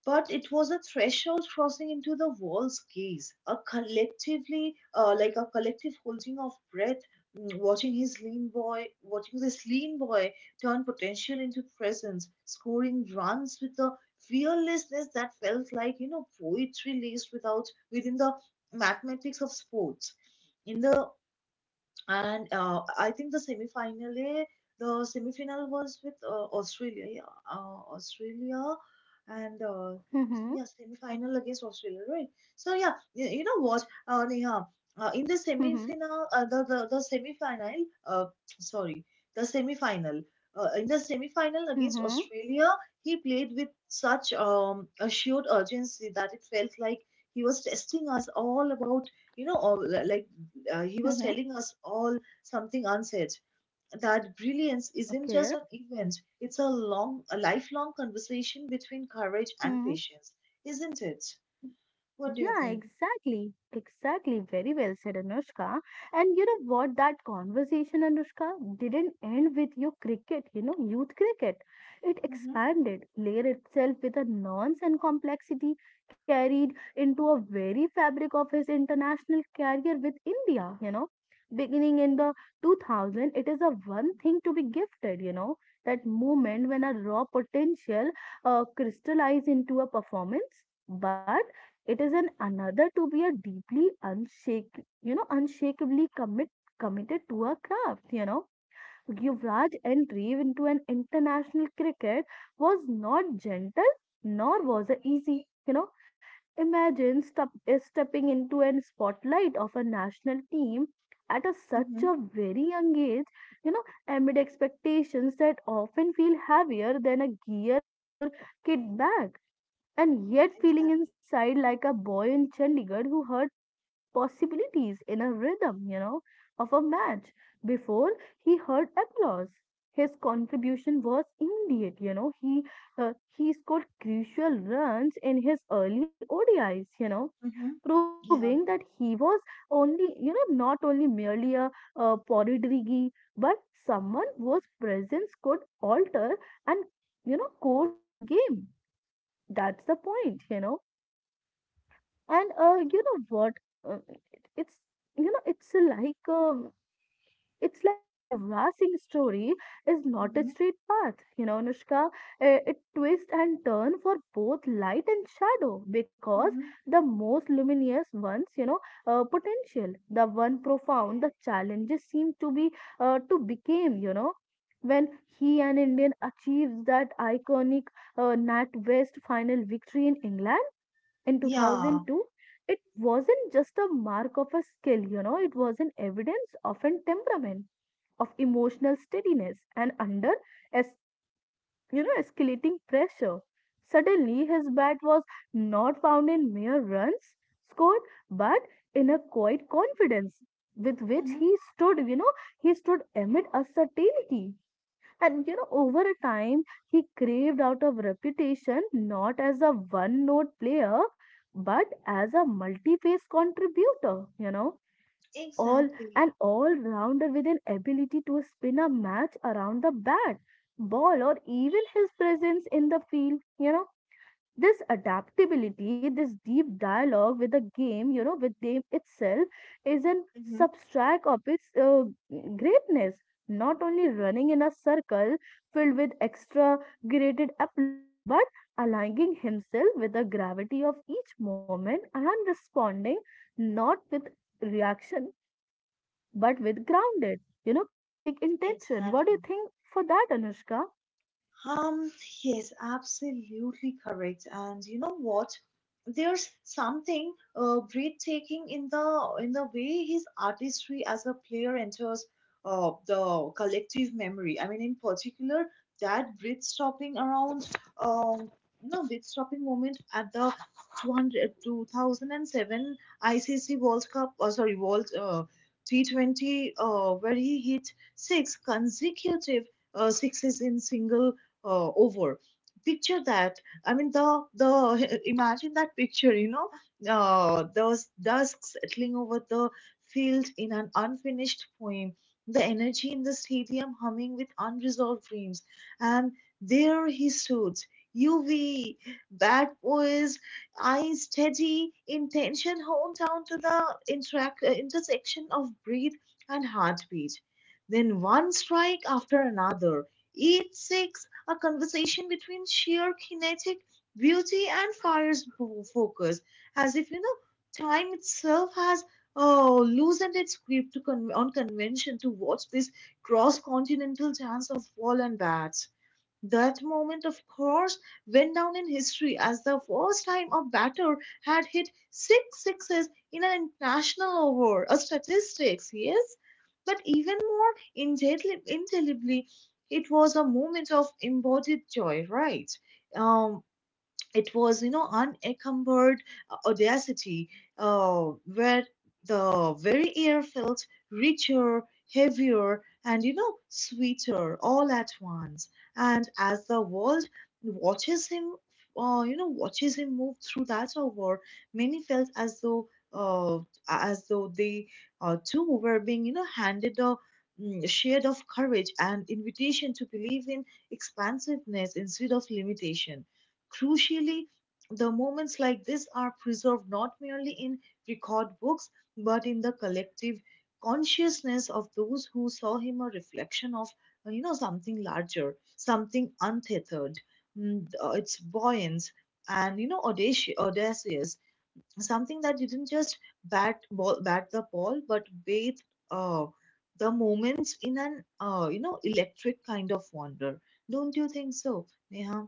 Speaker 1: but it was a threshold crossing into the world's gaze, a like a collective holding of breath, watching this lean boy turn potential into presence, scoring runs with a fearlessness that felt like, poetry laced without within the mathematics of sports. In the and I think the semi final was with Australia, yeah, Australia, and uh,
Speaker 2: Mm-hmm.
Speaker 1: yeah, semi final against Australia, right? So yeah, you know what, Neha, in the semi
Speaker 2: Mm-hmm.
Speaker 1: final, the semi final, uh, sorry, the semi final. In the semi final against
Speaker 2: Mm-hmm.
Speaker 1: Australia, he played with such assured urgency that it felt like he was testing us all about, all, like, he
Speaker 2: Mm-hmm.
Speaker 1: was telling us all something unsaid, that brilliance isn't
Speaker 2: Okay.
Speaker 1: just an event, it's a lifelong conversation between courage and
Speaker 2: Mm-hmm.
Speaker 1: patience, isn't it? What do you
Speaker 2: Yeah,
Speaker 1: think?
Speaker 2: exactly. Exactly. Very well said, Anushka. And you know what? That conversation, Anushka, didn't end with your cricket, you know, youth cricket. It
Speaker 1: Mm-hmm,
Speaker 2: expanded, layered itself with a nuance and complexity carried into a very fabric of his international career with India, you know. Beginning in the 2000, it is a one thing to be gifted, you know, that moment when a raw potential crystallized into a performance. But it is an another to be a deeply unshakably committed to her craft, you know. Yuvraj's entry into an international cricket was not gentle nor was it easy, you know. Imagine stepping into a spotlight of a national team at such
Speaker 1: mm-hmm,
Speaker 2: a very young age, you know, amid expectations that often feel heavier than a gear in your kit bag and yet feeling
Speaker 1: exactly.
Speaker 2: inside like a boy in Chandigarh who heard possibilities in a rhythm, you know, of a match before he heard applause. His contribution was immediate, you know. He scored crucial runs in his early ODIs, you know,
Speaker 1: Mm-hmm,
Speaker 2: proving that
Speaker 1: yeah.
Speaker 2: he was only, you know, not only merely a Poridrigi, but someone whose presence could alter and you know course of a game, that's the point, you know. And you know what, it- it's you know it's like but Yuvraj Singh's story is not a
Speaker 1: Mm-hmm,
Speaker 2: straight path, you know Anushka, it twists and turn for both light and shadow because
Speaker 1: mm-hmm,
Speaker 2: the most luminous ones, you know, potential the one profound the challenges seem to be, to became you know when he an Indian achieves that iconic Nat West final victory in England in
Speaker 1: yeah.
Speaker 2: 2002, it wasn't just a mark of a skill, you know, it was an evidence of an temperament, of emotional steadiness, and es- you know, escalating pressure. Suddenly, his bat was not found in mere runs scored, but in a quiet confidence with which
Speaker 1: Mm-hmm,
Speaker 2: he stood, you know, he stood amid uncertainty. And you know, over a time, he craved out of reputation not as a one note player, but as a multi phase contributor, you know, all
Speaker 1: exactly.
Speaker 2: an all rounder with an ability to spin a match around the bat, ball, or even his presence in the field, you know, this adaptability this deep dialogue with the game, you know, with game itself is an
Speaker 1: Mm-hmm,
Speaker 2: substract of its greatness, not only running in a circle filled with extra graded applause but aligning himself with the gravity of each moment and responding not with reaction but with grounded, you know, kinetic intention. What do you
Speaker 1: exactly.
Speaker 2: think for that, Anushka?
Speaker 1: Um, yes, absolutely correct. And you know what? There's something breathtaking in the way his artistry as a player enters, the collective memory. I mean, in particular, that breath-stopping around, um, no breath-stopping moment at the 2007 ICC World Cup, or sorry, World T20, where he hit six consecutive sixes in single over. Picture that, I mean, the imagine that picture. Those dusk settling over the field in an unfinished poem, the energy in the stadium humming with unresolved dreams, and there he stood, uv bad boys, eyes steady, intention honed down to the intersection of breath and heartbeat. Then one strike after another, each six a conversation between sheer kinetic beauty and fire's focus, as if, time itself has, oh, loosened its grip to con- on convention, to watch this cross-continental dance of ball and bats. That moment, of course, went down in history as the first time a batter had hit six sixes in an international over, a statistics, yes? But even more indelibly, it was a moment of embodied joy, right? Um, it was, unencumbered audacity, where the very air felt richer, heavier, and, sweeter all at once. And as the world watches him watches him move through that hour, many felt uh, as though they, too, were being, handed a, shade of courage, and invitation to believe in expansiveness instead of limitation. Crucially, the moments like this are preserved not merely in record books, but in the collective consciousness of those who saw him, a reflection of, something larger, something untethered, its buoyance, and audacious, something that didn't just bat the ball, but bathed, uh, the moments in an electric kind of wonder. Don't you think so, Neha?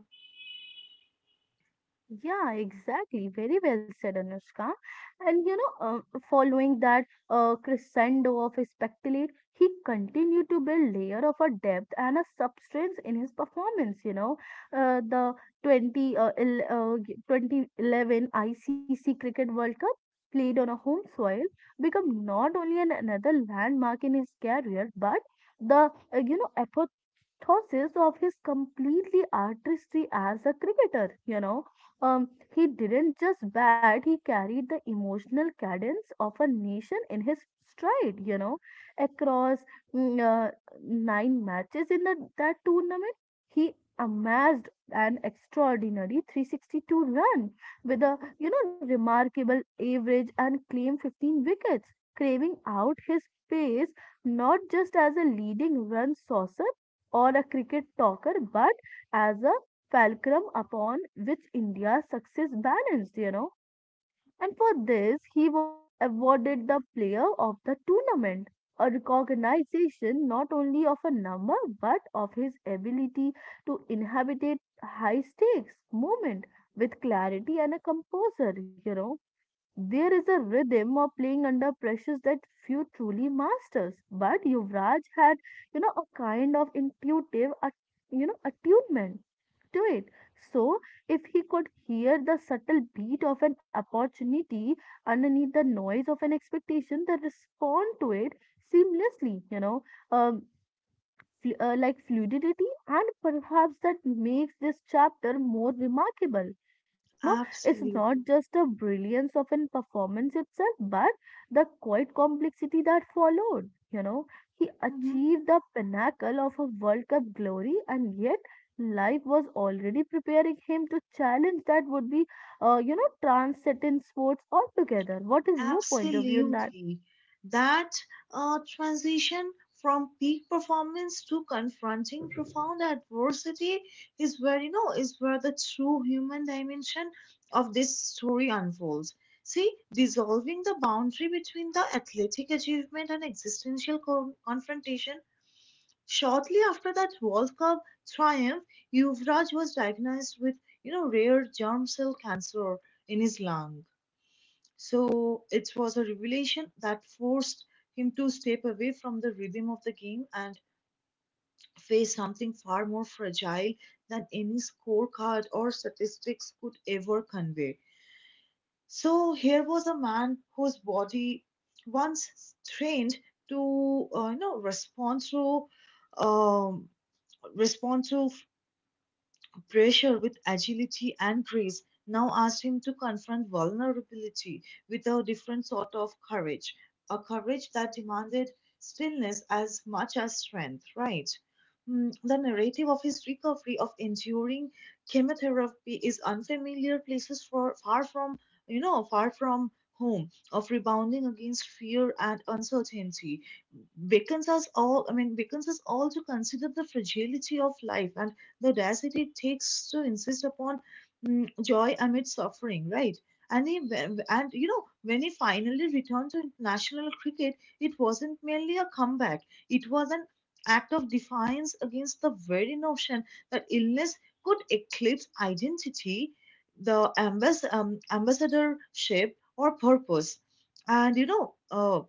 Speaker 2: Yeah, exactly. Very well said, Anushka. And you know, following that crescendo of speculate, he continued to build layer of a depth and a substance in his performance. You know, the 2011 ICC Cricket World Cup played on a home soil become not only an, another landmark in his career, but the thoughts of his completely artistry as a cricketer, you know. Um, he didn't just bat, he carried the emotional cadence of a nation in his stride, you know, across mm, uh, nine matches in the, that tournament. He amassed an extraordinary 362 run with a, remarkable average and claimed 15 wickets, craving out his pace not just as a leading run saucer or a cricket talker, but as a fulcrum upon which India's success balanced. You know. And for this, he was awarded the player of the tournament, a recognition not only of a number but of his ability to inhabit high stakes moment with clarity and a composure. You know. There is a rhythm of playing under pressures that few truly masters. But Yuvraj had, a kind of intuitive, attunement to it. So, if he could hear the subtle beat of an opportunity underneath the noise of an expectation, then respond to it seamlessly. Um, like fluidity, and perhaps that makes this chapter more remarkable you know it's not
Speaker 1: Absolutely.
Speaker 2: just the brilliance of an performance itself, but the quiet complexity that followed. He
Speaker 1: Mhm.
Speaker 2: achieved the pinnacle of a world cup glory, and yet life was already preparing him to challenge that would be transcend in sports altogether. What is your point of view on that?
Speaker 1: Absolutely. That transition from peak performance to confronting profound adversity is where, is where the true human dimension of this story unfolds. See, dissolving the boundary between the athletic achievement and existential confrontation. Shortly after that World Cup triumph, Yuvraj was diagnosed with, rare germ cell cancer in his lung. So it was a revelation that forced him to step away from the rhythm of the game and face something far more fragile than any scorecard or statistics could ever convey. So here was a man whose body, once trained to um, respond to pressure with agility and grace, now asked him to confront vulnerability with a different sort of courage, a courage that demanded stillness as much as strength, right? The narrative of his recovery, of enduring chemotherapy is unfamiliar places, for far from home, of rebounding against fear and uncertainty. Wiccans has all I mean, Wiccans has also considered the fragility of life and the audacity it takes to insist upon, joy amid suffering, right? And he, and when he finally returned to international cricket, it wasn't merely a comeback; it was an act of defiance against the very notion that illness could eclipse identity, the ambassadorship, or purpose. And you know, uh,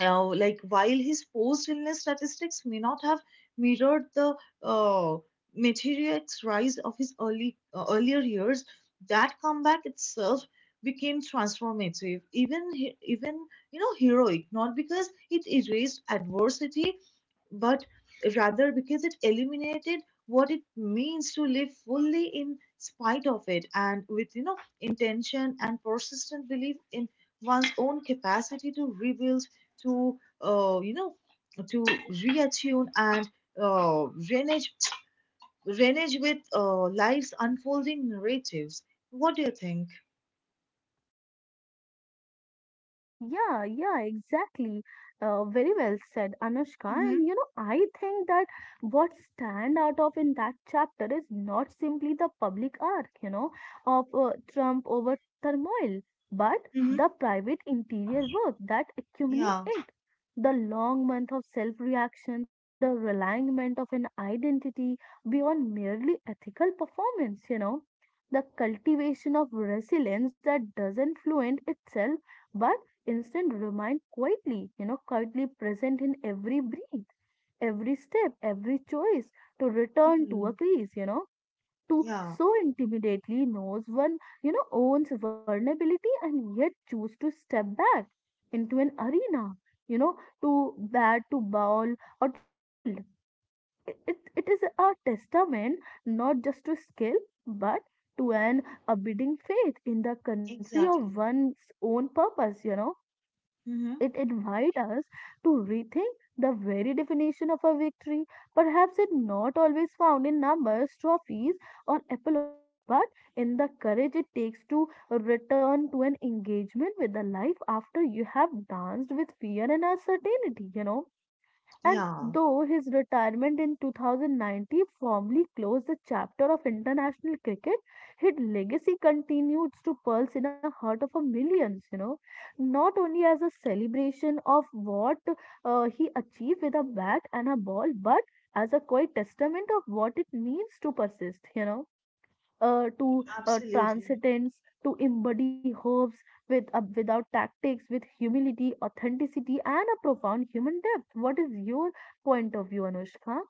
Speaker 1: uh, like, while his post illness statistics may not have mirrored the uh, meteoric rise of his early earlier years, that comeback itself became transformative, even heroic. Not because it erased adversity, but rather because it eliminated what it means to live fully in spite of it, and with, intention and persistent belief in one's own capacity to rebuild, to to reattune, and, uh, renage renage with, life's unfolding narratives. What do you think?
Speaker 2: Yeah, yeah, exactly. Very well said, Anushka.
Speaker 1: Mm-hmm.
Speaker 2: And you know, I think that what stand out of in that chapter is not simply the public arc, of Trump over turmoil, but the
Speaker 1: Mm-hmm.
Speaker 2: private interior work that accumulate
Speaker 1: Yeah.
Speaker 2: it. The long month of self-reaction, the realignment of an identity beyond merely ethical performance, the cultivation of resilience that doesn't fluent itself. But instant remind quietly, quietly present in every breath, every step, every choice to return to a
Speaker 1: Mm,
Speaker 2: crease, to
Speaker 1: yeah,
Speaker 2: so intimately knows one, owns vulnerability and yet choose to step back into an arena, you know, to bat, to ball, or to field. It is a testament not just to skill, but to an abiding faith in the country of
Speaker 1: exactly.
Speaker 2: one's own purpose.
Speaker 1: Hmm.
Speaker 2: It invites us to rethink the very definition of a victory. Perhaps it not always found in numbers, trophies, or applause, but in the courage it takes to return to an engagement with the life after you have danced with fear and uncertainty. And
Speaker 1: Yeah.
Speaker 2: though his retirement in 2019 formally closed the chapter of international cricket, his legacy continues to pulse in the heart of a millions, not only as a celebration of what he achieved with a bat and a ball, but as a quiet testament of what it means to persist, to
Speaker 1: Absolutely.
Speaker 2: transcendence, to embody hopes with without tactics, with humility, authenticity, and a profound human depth. What is your point of view, Anushka?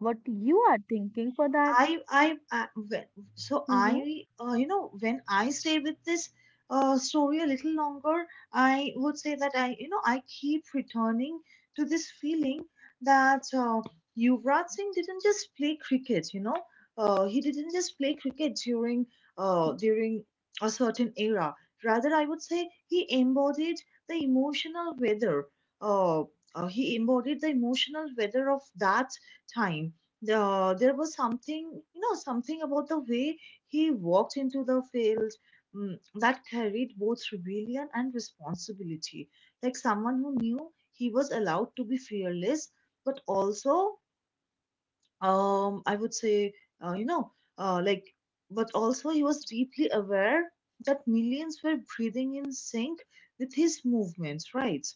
Speaker 2: What you are thinking for that?
Speaker 1: I, well, so
Speaker 2: Mm-hmm.
Speaker 1: I, when I stay with this story a little longer, I would say that I keep returning to this feeling that, Yuvraj Singh didn't just play cricket, he didn't just play cricket during a certain era. Rather, I would say he embodied the emotional weather. Uh, he embodied the emotional weather of that time. There was something, something about the way he walked into the field, that carried both rebellion and responsibility. Like someone who knew he was allowed to be fearless, but also, I would say you know like, but also, he was deeply aware that millions were breathing in sync with his movements, right?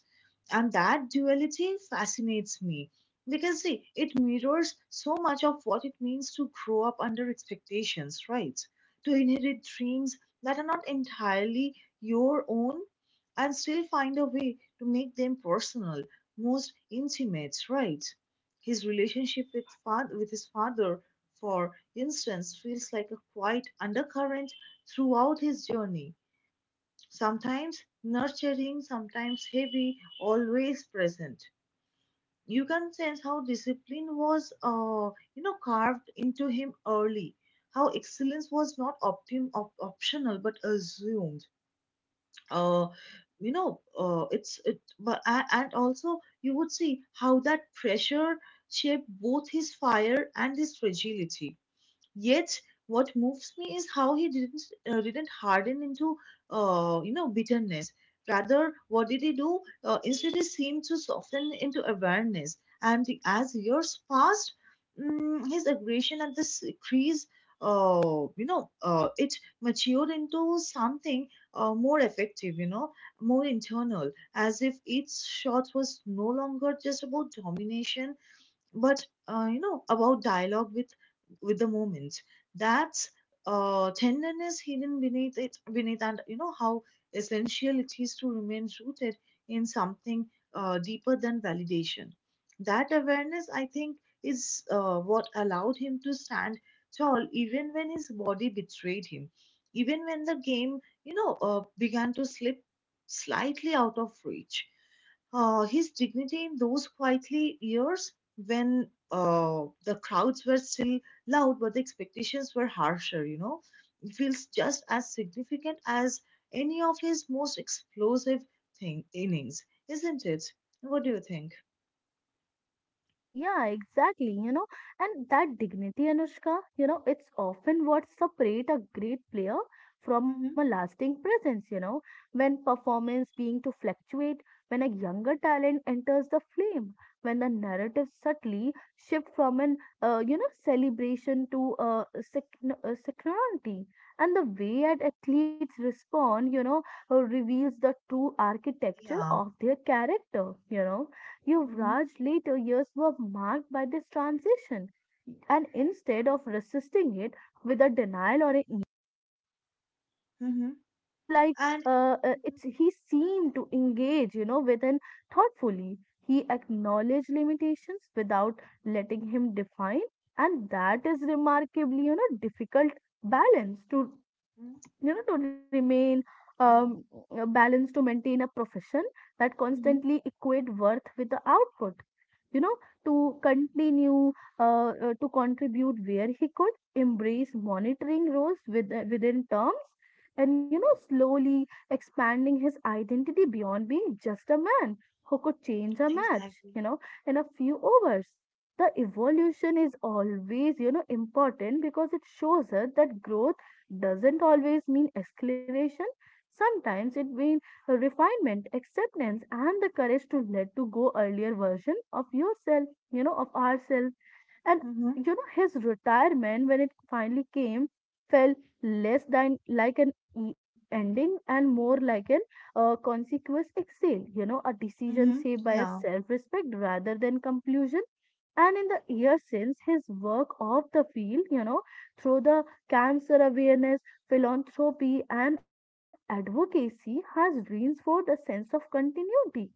Speaker 1: And that duality fascinates me, because, see, it mirrors so much of what it means to grow up under expectations, right? To inherit dreams that are not entirely your own, and still find a way to make them personal, most intimate, right? His relationship with, with his father, for instance, feels like a quiet undercurrent throughout his journey, sometimes nurturing, sometimes heavy, always present. You can sense how discipline was, carved into him early, how excellence was not optional but assumed. Uh, you know it's it but a- And also, you would see how that pressure shaped both his fire and his fragility. Yet, what moves me is how he didn't harden into, bitterness. Rather, what did he do? Instead, he seemed to soften into awareness. And as years passed, his aggression at this crease, uh, it matured into something more effective. More internal, as if each shot was no longer just about domination, but, about dialogue with the moments. That's, tenderness hidden beneath it beneath and, how essential it is to remain rooted in something, deeper than validation. That awareness, I think, is, what allowed him to stand tall even when his body betrayed him, even when the game, began to slip slightly out of reach. Uh, his dignity in those quietly years, when, the crowds were still loud but the expectations were harsher. It feels just as significant as any of his most explosive thing innings, isn't it? What do you think?
Speaker 2: Yeah, exactly. You know, and that dignity, Anushka, it's often what separates a great player from a
Speaker 1: Hmm.
Speaker 2: lasting presence, when performance being to fluctuate, when a younger talent enters the flame, when the narrative subtly shift from an, celebration to security. And the way at athletes respond, reveals the true architecture
Speaker 1: Yeah.
Speaker 2: of their character. You know
Speaker 1: Hmm.
Speaker 2: Yuvraj's later years were marked by this transition, and instead of resisting it with a denial or a ego,
Speaker 1: mm hmm
Speaker 2: it's like
Speaker 1: and Mhm.
Speaker 2: it's he seemed to engage, within thoughtfully. He acknowledged limitations without letting him define, and that is remarkably, difficult balance to,
Speaker 1: Mhm.
Speaker 2: you know, to remain um,
Speaker 1: Yeah.
Speaker 2: balanced, to maintain a profession that
Speaker 1: mm hmm
Speaker 2: constantly equate worth with the output. You know, to continue to contribute where he could, embrace monitoring roles with, within terms, and you know, slowly expanding his identity beyond being just a man who could change a match,
Speaker 1: exactly.
Speaker 2: you know, in a few hours. The evolution is always, important because it shows us that growth doesn't always mean escalation. Sometimes it means refinement, acceptance, and the courage to let to go earlier version of yourself, of ourselves. And
Speaker 1: mm hmm
Speaker 2: you know, his retirement when it finally came felt less than like an ending and more like an consequence exhale, a
Speaker 1: mm
Speaker 2: decision
Speaker 1: hmm
Speaker 2: saved by a
Speaker 1: yeah.
Speaker 2: self-respect rather than conclusion. And in the year since, his work off the field, through the cancer awareness, philanthropy, and advocacy has reinforced a sense of continuity. You know.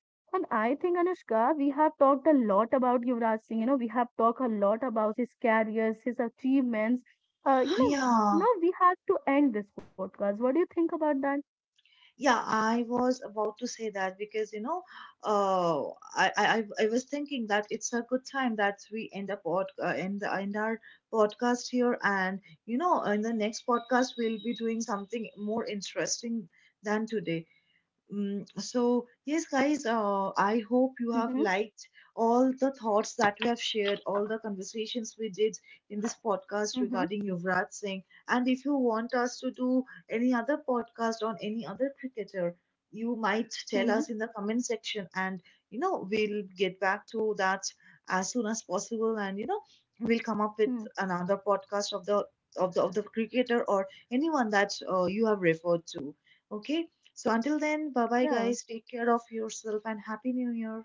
Speaker 2: And I think, Anushka, we have talked a lot about Yuvraj Singh, we have talked a lot about his careers, his achievements.
Speaker 1: Yeah.
Speaker 2: Now we have to end this podcast. What do you think about that?
Speaker 1: Yeah, I was about to say that, because, uh, I was thinking that it's a good time that we end up pod, end, the end our podcast here. And, in the next podcast, we'll be doing something more interesting than today. So yes, guys, I hope you have
Speaker 2: Mm-hmm.
Speaker 1: liked all the thoughts that we have shared, all the conversations we did in this podcast
Speaker 2: Mm-hmm.
Speaker 1: regarding Yuvraj Singh. And if you want us to do any other podcast on any other cricketer, you might
Speaker 2: Mm-hmm.
Speaker 1: tell us in the comment section, and, we'll get back to that as soon as possible. And, we'll come up with
Speaker 2: Mm-hmm.
Speaker 1: another podcast of the cricketer, or anyone that, you have referred to. Okay? So until then, bye bye,
Speaker 2: Yeah.
Speaker 1: guys. Take care of yourself, and Happy New Year.